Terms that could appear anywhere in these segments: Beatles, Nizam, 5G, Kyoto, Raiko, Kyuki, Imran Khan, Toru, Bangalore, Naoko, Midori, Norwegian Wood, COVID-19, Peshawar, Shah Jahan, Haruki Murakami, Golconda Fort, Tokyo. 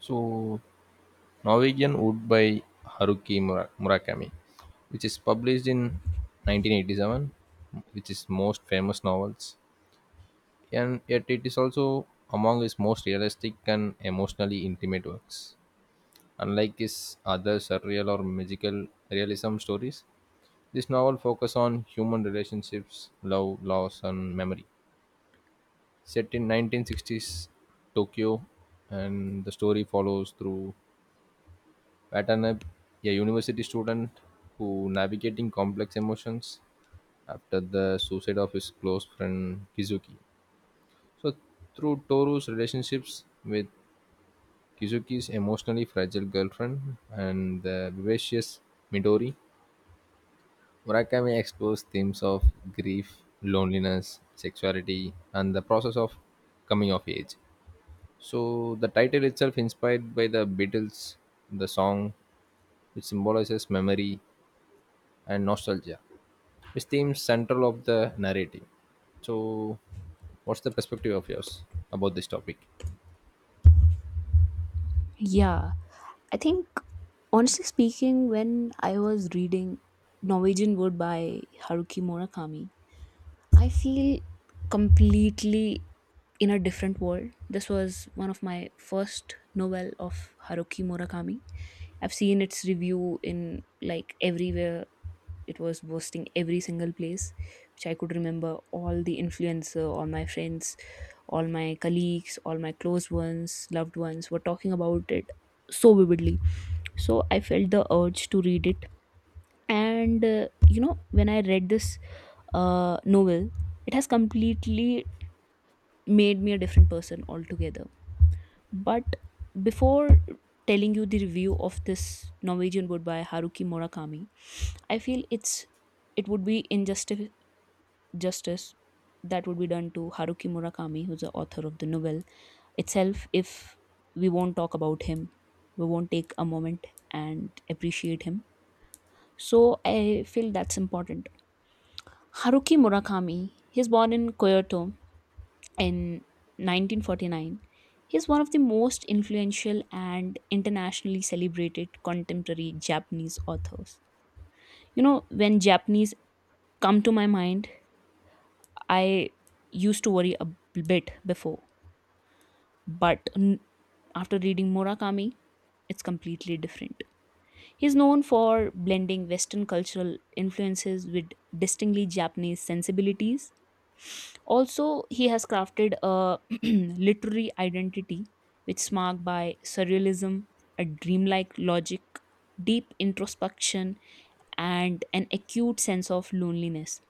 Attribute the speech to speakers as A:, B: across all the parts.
A: So, Norwegian Wood by Murakami, which is published in 1987, which is most famous novels, and yet it is also among his most realistic and emotionally intimate works. Unlike his other surreal or magical realism stories, this novel focuses on human relationships, love, loss, and memory. Set in 1960s Tokyo, and the story follows through Patternap, a university student who navigating complex emotions after the suicide of his close friend Kizuki. So through Toru's relationships with Kizuki's emotionally fragile girlfriend and the vivacious Midori, Murakami explores themes of grief, loneliness, sexuality, and the process of coming of age. So the title itself inspired by the Beatles, the song which symbolizes memory and nostalgia, which seems central of the narrative. So, what's the perspective of yours about this topic?
B: Yeah, I think honestly speaking, when I was reading Norwegian Wood by Haruki Murakami, I feel completely in a different world. This was one of my first novel of Haruki Murakami. I've seen its review in like everywhere. It was boasting every single place, which I could remember all the influencer, all my friends, all my colleagues, all my close ones, loved ones were talking about it so vividly, so I felt the urge to read it. And when I read this novel, it has completely made me a different person altogether. But before telling you the review of this Norwegian book by Haruki Murakami, I feel it would be injustice justice that would be done to Haruki Murakami, who's the author of the novel itself, if we won't talk about him, we won't take a moment and appreciate him. So I feel that's important. Haruki Murakami, he's born in Kyoto in 1949. He's one of the most influential and internationally celebrated contemporary Japanese authors. You know, when Japanese come to my mind, I used to worry a bit before, but after reading Murakami, it's completely different. He's known for blending Western cultural influences with distinctly Japanese sensibilities. Also, he has crafted a literary identity which is marked by surrealism, a dreamlike logic, deep introspection, and an acute sense of loneliness.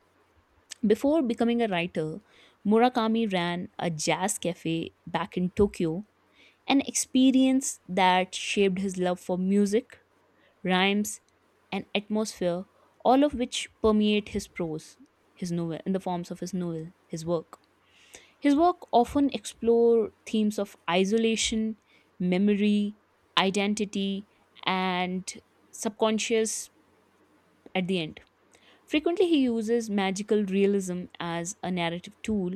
B: Before becoming a writer, Murakami ran a jazz cafe back in Tokyo, an experience that shaped his love for music, rhymes, and atmosphere, all of which permeate his prose, his novel, in the forms of his work. His work often explore themes of isolation, memory, identity, and subconscious at the end. Frequently, he uses magical realism as a narrative tool.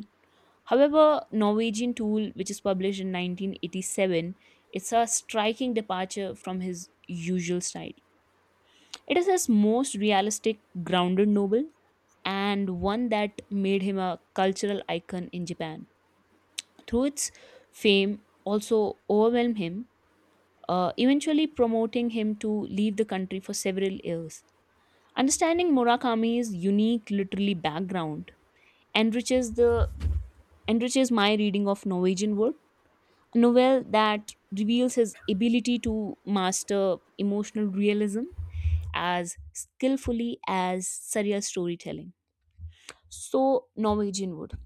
B: However, Norwegian Tool, which is published in 1987, it's a striking departure from his usual style. It is his most realistic, grounded novel and one that made him a cultural icon in Japan. Through its fame, also overwhelmed him, eventually promoting him to leave the country for several years. Understanding Murakami's unique literary background enriches the enriches my reading of Norwegian Wood, a novel that reveals his ability to master emotional realism as skillfully as surreal storytelling. So Norwegian Wood.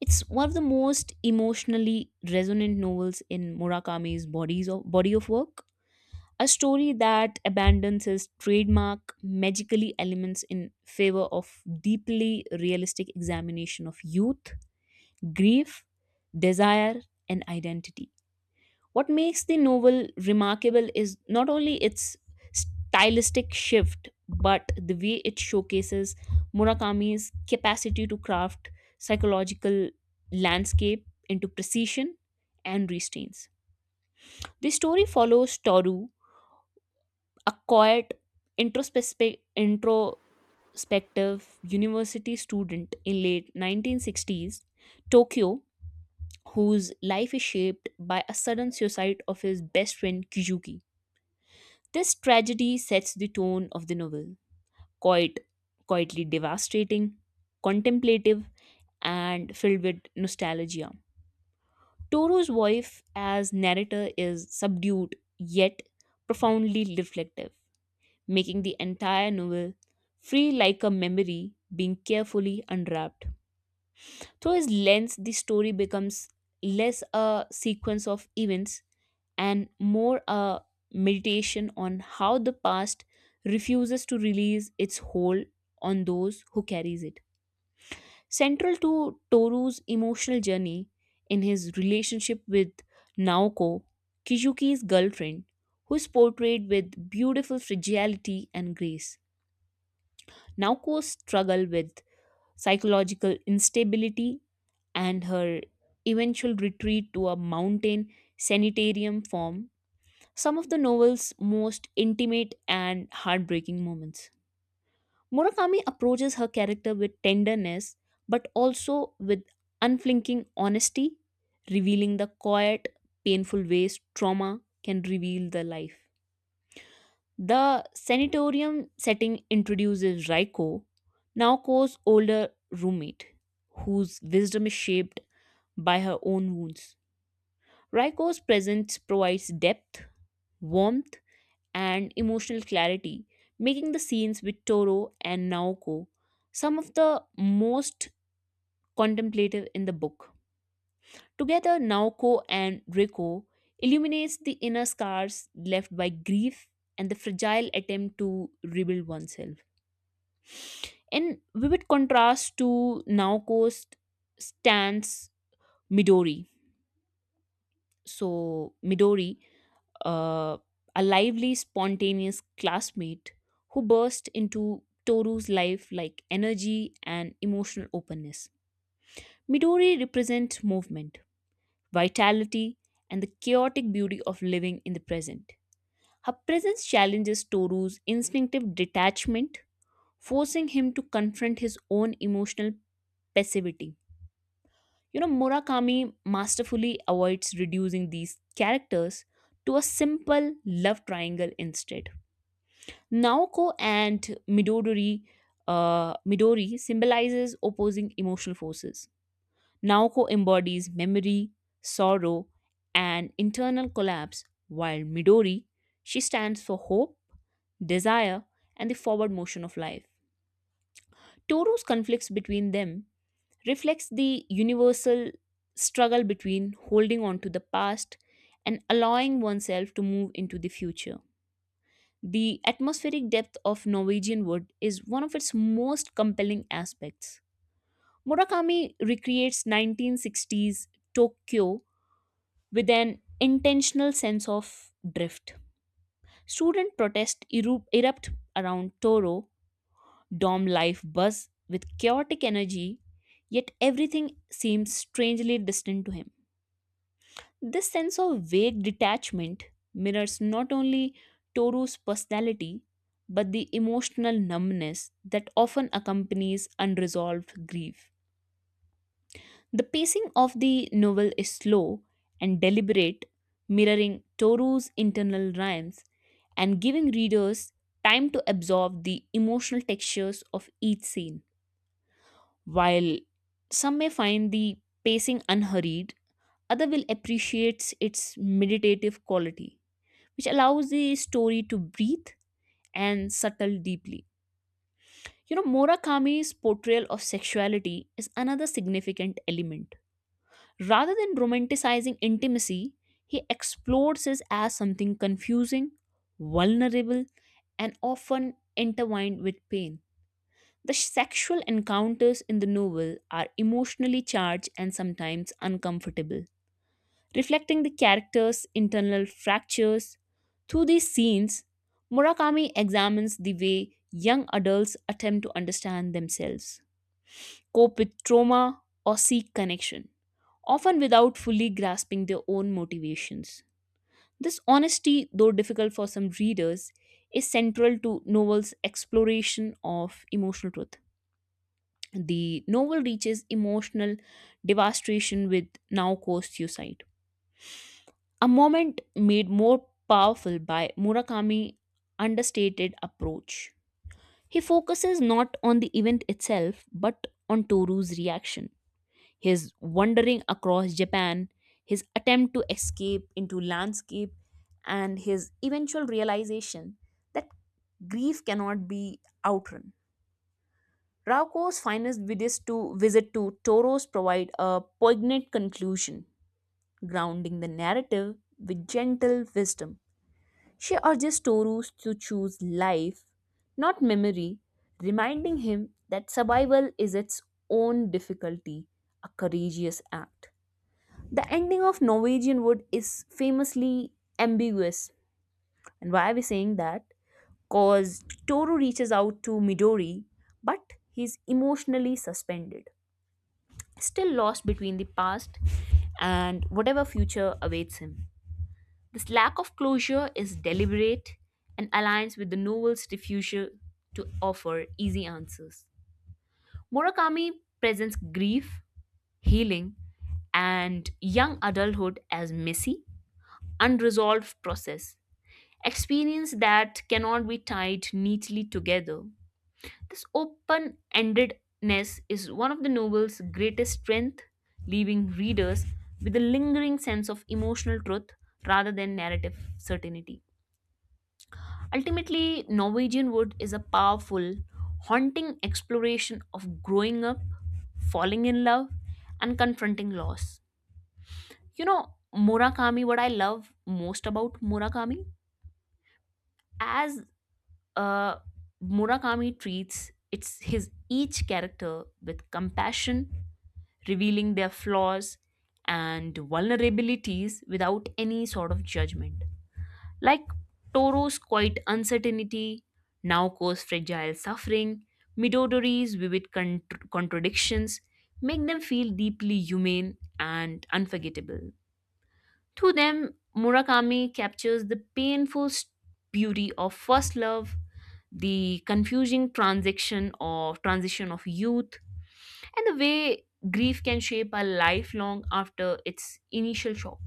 B: It's one of the most emotionally resonant novels in body of work. A story that abandons his trademark magically elements in favor of deeply realistic examination of youth, grief, desire, and identity. What makes the novel remarkable is not only its stylistic shift, but the way it showcases Murakami's capacity to craft psychological landscape into precision and restraints. The story follows Toru, a quiet, introspective university student in late 1960s Tokyo, whose life is shaped by a sudden suicide of his best friend Kyuki. This tragedy sets the tone of the novel, quite quietly devastating, contemplative, and filled with nostalgia. Toro's wife as narrator is subdued yet profoundly reflective, making the entire novel free like a memory being carefully unwrapped. Through his lens, the story becomes less a sequence of events and more a meditation on how the past refuses to release its hold on those who carries it. Central to Toru's emotional journey in his relationship with Naoko, Kizuki's girlfriend, who is portrayed with beautiful fragility and grace. Naoko's struggle with psychological instability and her eventual retreat to a mountain sanitarium form some of the novel's most intimate and heartbreaking moments. Murakami approaches her character with tenderness, but also with unflinching honesty, revealing the quiet, painful ways trauma can reveal the life. The sanatorium setting introduces Raiko, Naoko's older roommate, whose wisdom is shaped by her own wounds. Raiko's presence provides depth, warmth, and emotional clarity, making the scenes with Toro and Naoko some of the most contemplative in the book. Together, Naoko and Reiko illuminates the inner scars left by grief and the fragile attempt to rebuild oneself. In vivid contrast to Naoko's stance, Midori. So, Midori, uh, a lively, spontaneous classmate who burst into Toru's life like energy and emotional openness. Midori represents movement, vitality, and the chaotic beauty of living in the present. Her presence challenges Toru's instinctive detachment, forcing him to confront his own emotional passivity. You know, Murakami masterfully avoids reducing these characters to a simple love triangle. Instead, Naoko and Midori, Midori symbolizes opposing emotional forces. Naoko embodies memory, sorrow, and internal collapse, while Midori, she stands for hope, desire, and the forward motion of life. Toru's conflicts between them reflects the universal struggle between holding on to the past and allowing oneself to move into the future. The atmospheric depth of Norwegian wood is one of its most compelling aspects. Murakami recreates 1960s Tokyo with an intentional sense of drift. Student protests erupt around Toro, dorm life buzz with chaotic energy, yet everything seems strangely distant to him. This sense of vague detachment mirrors not only Toru's personality, but the emotional numbness that often accompanies unresolved grief. The pacing of the novel is slow and deliberate, mirroring Toru's internal rhymes and giving readers time to absorb the emotional textures of each scene. While some may find the pacing unhurried, others will appreciate its meditative quality which allows the story to breathe and settle deeply. You know, Murakami's portrayal of sexuality is another significant element. Rather than romanticizing intimacy, he explores it as something confusing, vulnerable, and often intertwined with pain. The sexual encounters in the novel are emotionally charged and sometimes uncomfortable, reflecting the characters' internal fractures. Through these scenes, Murakami examines the way young adults attempt to understand themselves, cope with trauma, or seek connection, often without fully grasping their own motivations. This honesty, though difficult for some readers, is central to Novel's exploration of emotional truth. The novel reaches emotional devastation with Naoko's suicide, a moment made more powerful by Murakami's understated approach. He focuses not on the event itself but on Toru's reaction, his wandering across Japan, his attempt to escape into landscape, and his eventual realization that grief cannot be outrun. Rauco's finest videos to visit to Toros provide a poignant conclusion, grounding the narrative with gentle wisdom. She urges Toru to choose life, not memory, reminding him that survival is its own difficulty, a courageous act. The ending of Norwegian Wood is famously ambiguous. And why are we saying that? Because Toru reaches out to Midori, but he's emotionally suspended, still lost between the past and whatever future awaits him. This lack of closure is deliberate and aligns with the novel's refusal to offer easy answers. Murakami presents grief, healing, and young adulthood as messy, unresolved process, experience that cannot be tied neatly together. This open-endedness is one of the novel's greatest strength, leaving readers with a lingering sense of emotional truth rather than narrative certainty. Ultimately, Norwegian Wood is a powerful, haunting exploration of growing up, falling in love, and confronting loss. You know, Murakami, what I love most about Murakami, as uh, Murakami treats it's his each character with compassion, revealing their flaws and vulnerabilities without any sort of judgment. Like Toro's quiet uncertainty, Naoko's fragile suffering, Midodori's vivid contradictions make them feel deeply humane and unforgettable. To them, Murakami captures the painful beauty of first love, the confusing transition of youth, and the way grief can shape our life long after its initial shock.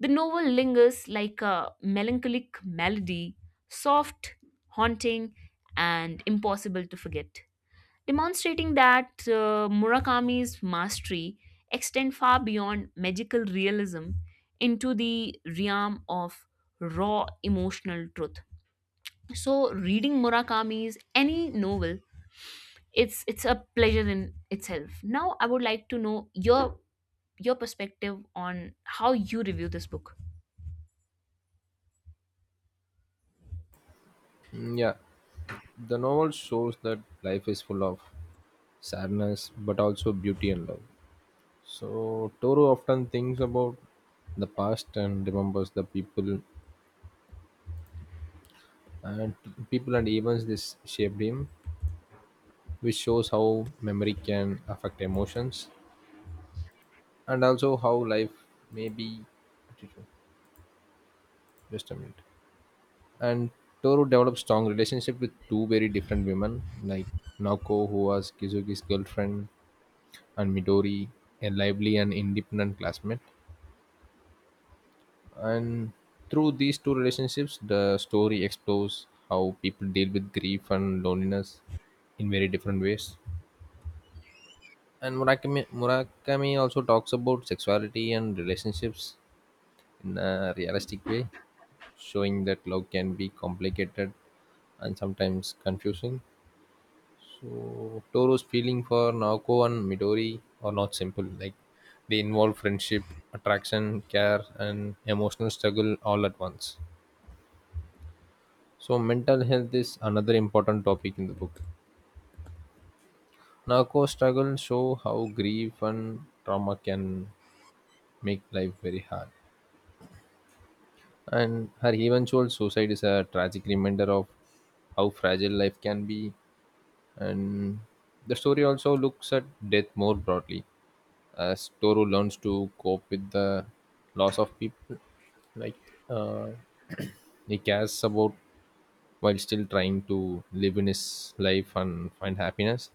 B: The novel lingers like a melancholic melody, soft, haunting, and impossible to forget, demonstrating that Murakami's mastery extends far beyond magical realism into the realm of raw emotional truth. So, reading Murakami's any novel, it's a pleasure in itself. Now, I would like to know your perspective on how you review this book.
A: Yeah, the novel shows that life is full of sadness, but also beauty and love. So, Toro often thinks about the past and remembers the people and people and events this shaped him, which shows how memory can affect emotions and also how life may be. Just a minute. And Toru developed strong relationship with two very different women, like Naoko, who was Kizuki's girlfriend, and Midori, a lively and independent classmate. And through these two relationships, the story explores how people deal with grief and loneliness in very different ways. And Murakami also talks about sexuality and relationships in a realistic way, showing that love can be complicated and sometimes confusing. So Toro's feeling for Naoko and Midori are not simple. Like they involve friendship, attraction, care, and emotional struggle all at once. So mental health is another important topic in the book. Naoko's struggles show how grief and trauma can make life very hard. And her eventual suicide is a tragic reminder of how fragile life can be, and the story also looks at death more broadly as Toru learns to cope with the loss of people like uh, he cares about while still trying to live in his life and find happiness.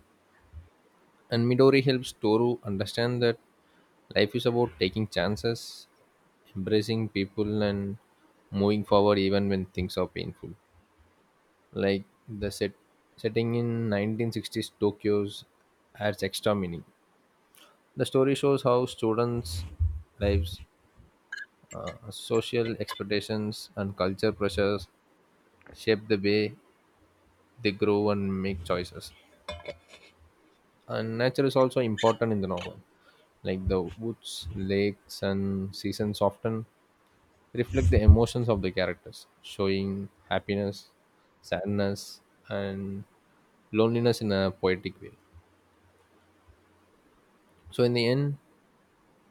A: And Midori helps Toru understand that life is about taking chances, embracing people, and moving forward even when things are painful. Like the setting in 1960s Tokyo's adds extra meaning. The story shows how students' lives, social expectations, and culture pressures shape the way they grow and make choices. And nature is also important in the novel. Like the woods, lakes, and seasons often reflect the emotions of the characters, showing happiness, sadness, and loneliness in a poetic way. So, in the end,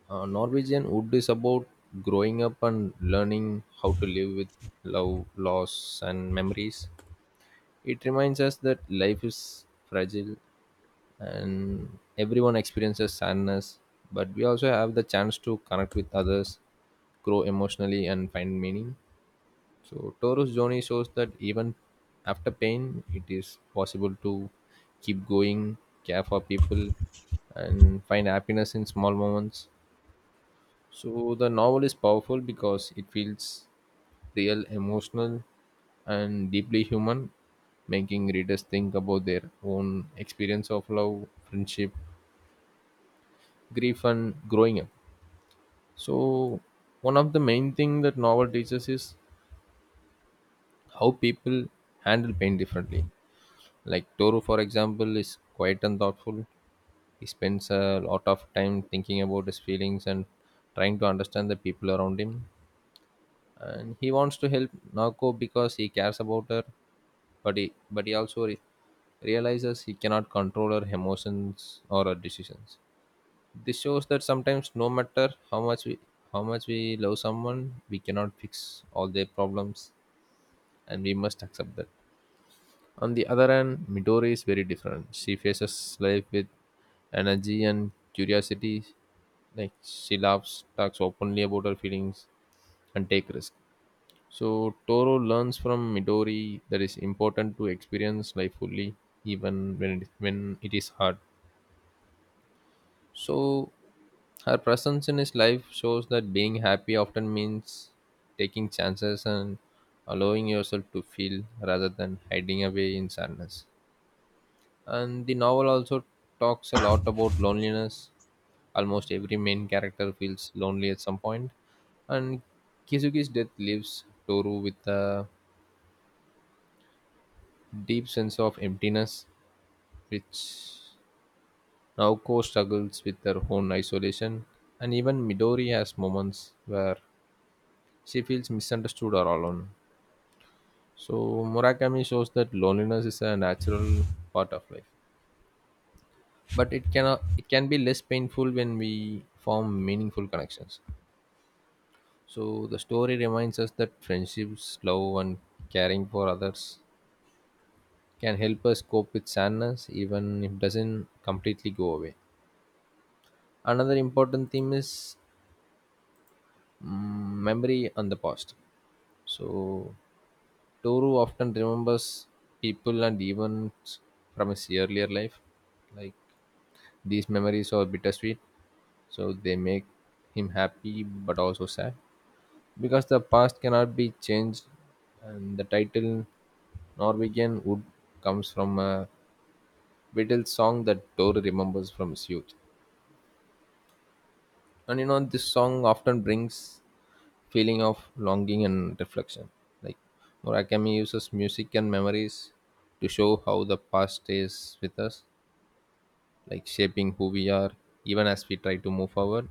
A: Norwegian Wood is about growing up and learning how to live with love, loss, and memories. It reminds us that life is fragile and everyone experiences sadness, but we also have the chance to connect with others, grow emotionally, and find meaning. So Taurus journey shows that even after pain it is possible to keep going, care for people, and find happiness in small moments. So the novel is powerful because it feels real, emotional, and deeply human, making readers think about their own experience of love, friendship, grief, and growing up. So one of the main thing that novel teaches is how people handle pain differently. Like Toru, for example, is quiet and thoughtful. He spends a lot of time thinking about his feelings and trying to understand the people around him, and he wants to help Nako because he cares about her, but he realizes he cannot control her emotions or her decisions. This shows that sometimes no matter how much we love someone, we cannot fix all their problems and we must accept that. On the other hand, Midori is very different. She faces life with energy and curiosity. Like she laughs, talks openly about her feelings and take risks. So Toro learns from Midori that it's important to experience life fully even when it is hard. So her presence in his life shows that being happy often means taking chances and allowing yourself to feel rather than hiding away in sadness. And the novel also talks a lot about loneliness. Almost every main character feels lonely at some point, and Kizuki's death leaves Toru with a deep sense of emptiness, which Naoko struggles with her own isolation, and even Midori has moments where she feels misunderstood or alone. So Murakami shows that loneliness is a natural part of life, but it can be less painful when we form meaningful connections. So the story reminds us that friendships, love, and caring for others can help us cope with sadness, even if it doesn't completely go away. Another important theme is mm, memory and the past. So Toru often remembers people and events from his earlier life. Like these memories are bittersweet, so they make him happy but also sad, because the past cannot be changed. And the title Norwegian Wood comes from a Beatles song that Toru remembers from his youth. And you know, this song often brings feeling of longing and reflection. Like Murakami uses music and memories to show how the past stays with us, like shaping who we are even as we try to move forward.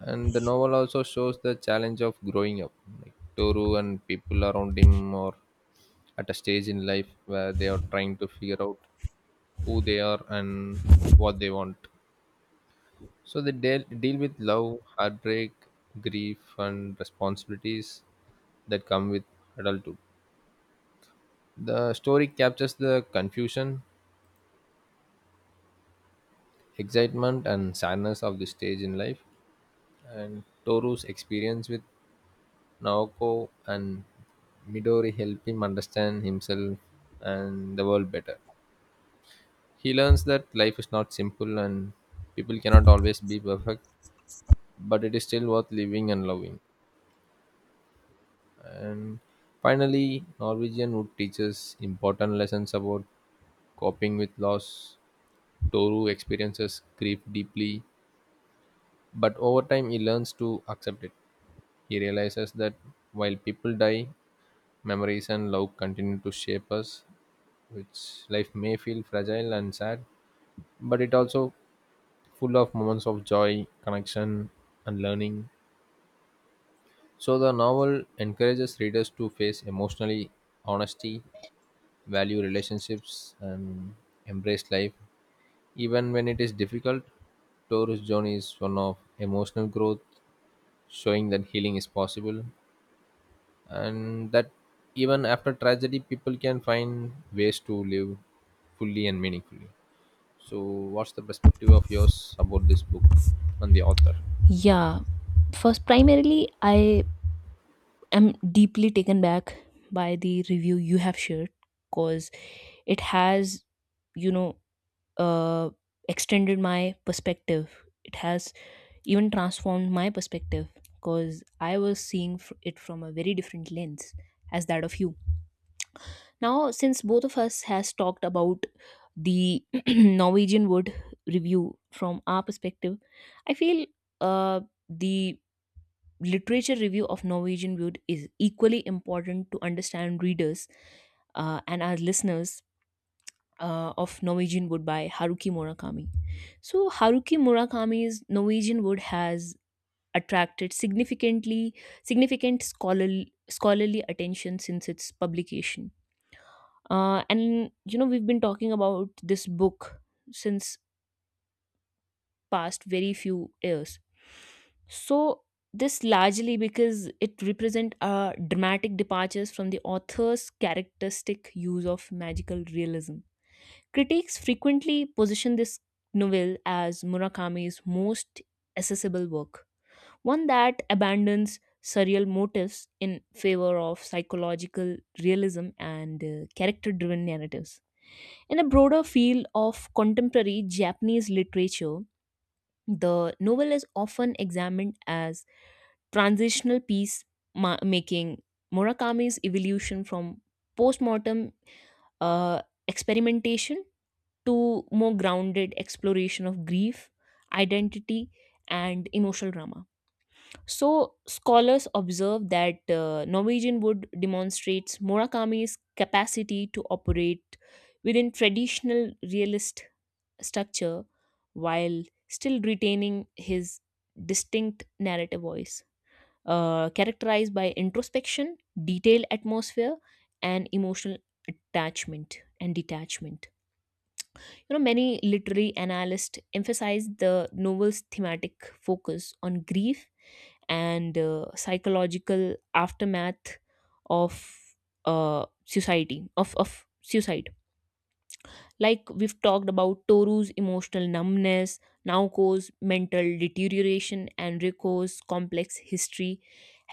A: And the novel also shows the challenge of growing up. Like Toru and people around him are at a stage in life where they are trying to figure out who they are and what they want. So they deal with love, heartbreak, grief, and responsibilities that come with adulthood. The story captures the confusion, excitement, and sadness of the stage in life, and Toru's experience with Naoko and Midori help him understand himself and the world better. He learns that life is not simple and people cannot always be perfect, but it is still worth living and loving. And finally, Norwegian Wood teaches important lessons about coping with loss. Toru experiences grief deeply. But over time, he learns to accept it. He realizes that while people die, memories and love continue to shape us, which life may feel fragile and sad, but it also full of moments of joy, connection, and learning. So the novel encourages readers to face emotionally honesty, value relationships, and embrace life, even when it is difficult. Taurus Journey is one of emotional growth, showing that healing is possible and that even after tragedy people can find ways to live fully and meaningfully. So what's the perspective of yours about this book and the author?
B: Yeah, first, primarily, I am deeply taken back by the review you have shared because it has, you know, uh, extended my perspective. It has even transformed my perspective because I was seeing it from a very different lens as that of you. Now, since both of us has talked about the Norwegian Wood review from our perspective, I feel uh, the literature review of Norwegian Wood is equally important to understand readers and our listeners of Norwegian Wood by Haruki Murakami. So Haruki Murakami's Norwegian Wood has attracted significant scholarly attention since its publication. And you know, we've been talking about this book since past very few years. So this largely because it represent a dramatic departures from the author's characteristic use of magical realism. Critics frequently position this novel as Murakami's most accessible work, one that abandons surreal motifs in favor of psychological realism and character driven narratives. In a broader field of contemporary Japanese literature, the novel is often examined as transitional piece making Murakami's evolution from postmortem uh, experimentation to more grounded exploration of grief, identity, and emotional drama. So, scholars observe that Norwegian Wood demonstrates Murakami's capacity to operate within traditional realist structure while still retaining his distinct narrative voice, characterized by introspection, detailed atmosphere, and emotional attachment and detachment. You know, many literary analysts emphasize the novel's thematic focus on grief and psychological aftermath of society of suicide, like we've talked about Toru's emotional numbness, Naoko's mental deterioration, and Riko's complex history.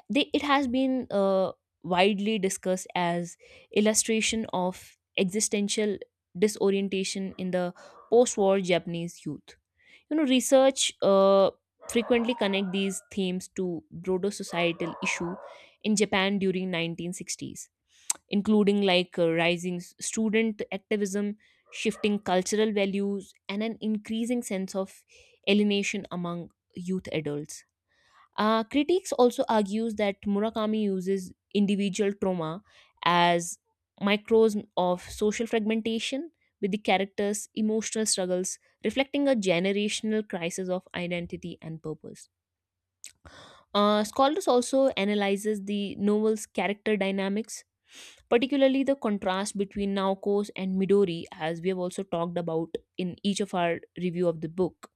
B: It has been widely discussed as illustration of existential disorientation in the post-war Japanese youth. You know, research frequently connect these themes to broader societal issue in Japan during 1960s, including like student activism, shifting cultural values, and an increasing sense of alienation among youth adults. Critics also argues that Murakami uses individual trauma as microcosm of social fragmentation, with the characters' emotional struggles reflecting a generational crisis of identity and purpose. Scholars also analyzes the novel's character dynamics, particularly the contrast between Naoko's and Midori, as we have also talked about in each of our review of the book.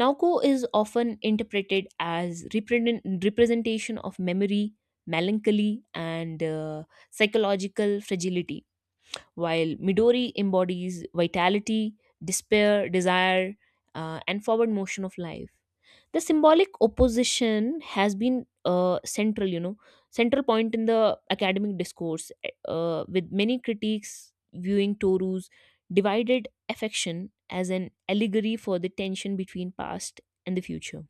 B: Naoko is often interpreted as representation of memory, melancholy, and psychological fragility, while Midori embodies vitality, despair, desire, and forward motion of life. The symbolic opposition has been central, central point in the academic discourse, with many critics viewing Toru's divided affection as an allegory for the tension between past and the future.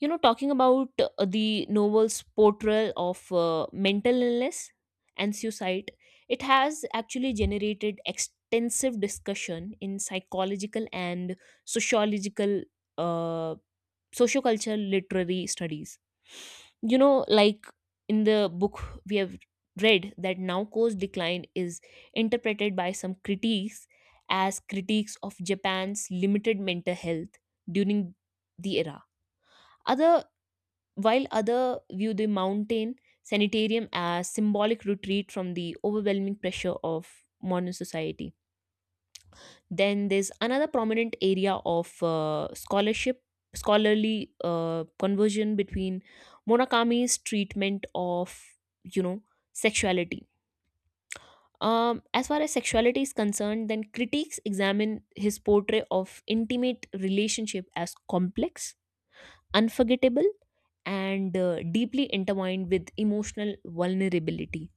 B: You know, talking about the novel's portrayal of mental illness and suicide, it has actually generated extensive discussion in psychological and sociological, uh, sociocultural literary studies. You know, like, in the book we have read that Naoko's decline is interpreted by some critics as critiques of Japan's limited mental health during the era. Other While other view the mountain sanitarium as symbolic retreat from the overwhelming pressure of modern society. Then there's another prominent area of scholarship, scholarly conversion between Murakami's treatment of, you know, sexuality. As far as sexuality is concerned, then critiques examine his portrait of intimate relationship as complex, unforgettable, and deeply intertwined with emotional vulnerability.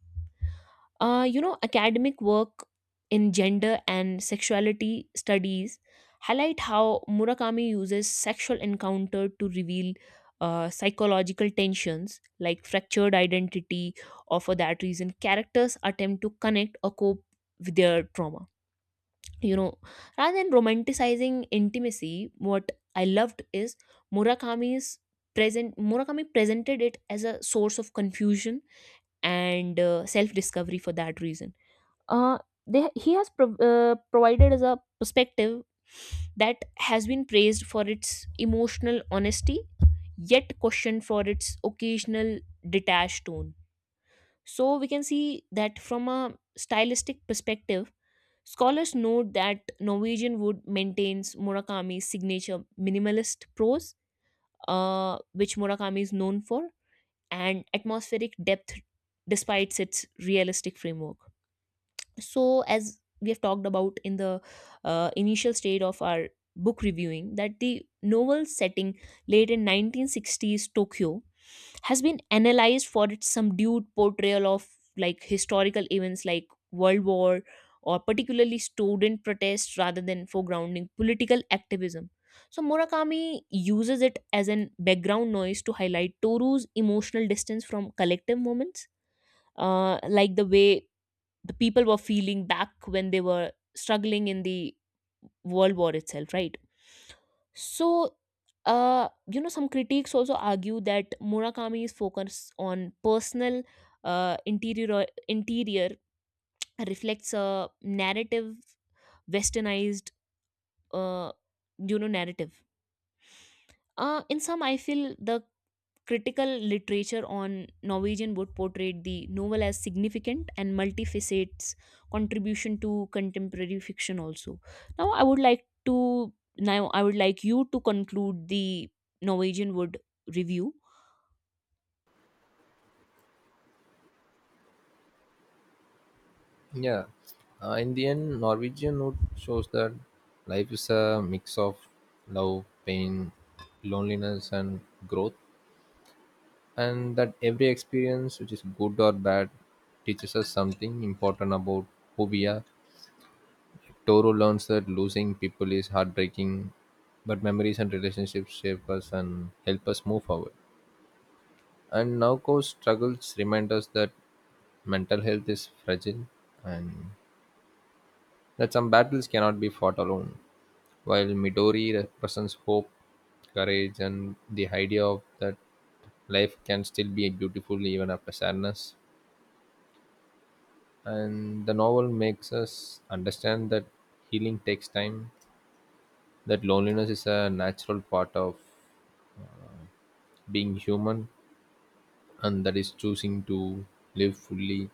B: You know, academic work in gender and sexuality studies highlight how Murakami uses sexual encounter to reveal psychological tensions like fractured identity, or for that reason, characters attempt to connect or cope with their trauma. You know, rather than romanticizing intimacy, what I loved is Murakami's Murakami presented it as a source of confusion and self discovery. For that reason, uh, he has provided us a perspective that has been praised for its emotional honesty, yet questioned for its occasional detached tone. So we can see that from a stylistic perspective, scholars note that Norwegian wood maintains Murakami's signature minimalist prose, which Murakami is known for, and atmospheric depth despite its realistic framework. So as we have talked about in the initial state of our book reviewing, that the novel setting late in 1960s Tokyo has been analyzed for its subdued portrayal of like historical events like world war or particularly student protests, rather than foregrounding political activism. So Murakami uses it as an background noise to highlight Toru's emotional distance from collective moments, like the way the people were feeling back when they were struggling in the world war itself, right? So you know, some critics also argue that Murakami's focus on personal interior reflects a narrative westernized uh you know narrative. In some, I feel the critical literature on Norwegian would portray the novel as significant and multifacets contribution to contemporary fiction also. Now I would like you to conclude the Norwegian Wood review.
A: Yeah, in the end Norwegian note shows that life is a mix of love, pain, loneliness, and growth, and that every experience, which is good or bad, teaches us something important about who we are. Toro learns that losing people is heartbreaking, but memories and relationships shape us and help us move forward. And Naoko's struggles remind us that mental health is fragile and that some battles cannot be fought alone. While Midori represents hope, courage, and the idea of that life can still be beautiful even after sadness. And the novel makes us understand that healing takes time, that loneliness is a natural part of being human, and that is choosing to live fully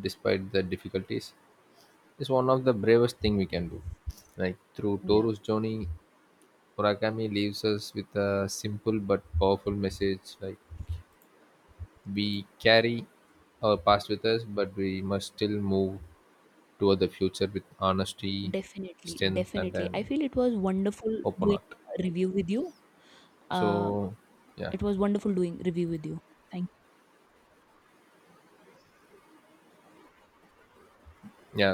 A: despite the difficulties, is one of the bravest thing we can do. Like through
B: Yeah.
A: Toru's journey, Murakami leaves us with a simple but powerful message: like we carry our past with us, but we must still move toward the future with honesty,
B: Definitely,
A: strength, and
B: definitely. I
A: an
B: feel it was wonderful
A: open
B: doing
A: heart.
B: a review with you. Uh,
A: So, yeah,
B: it was wonderful doing review with you. Thank
A: yeah,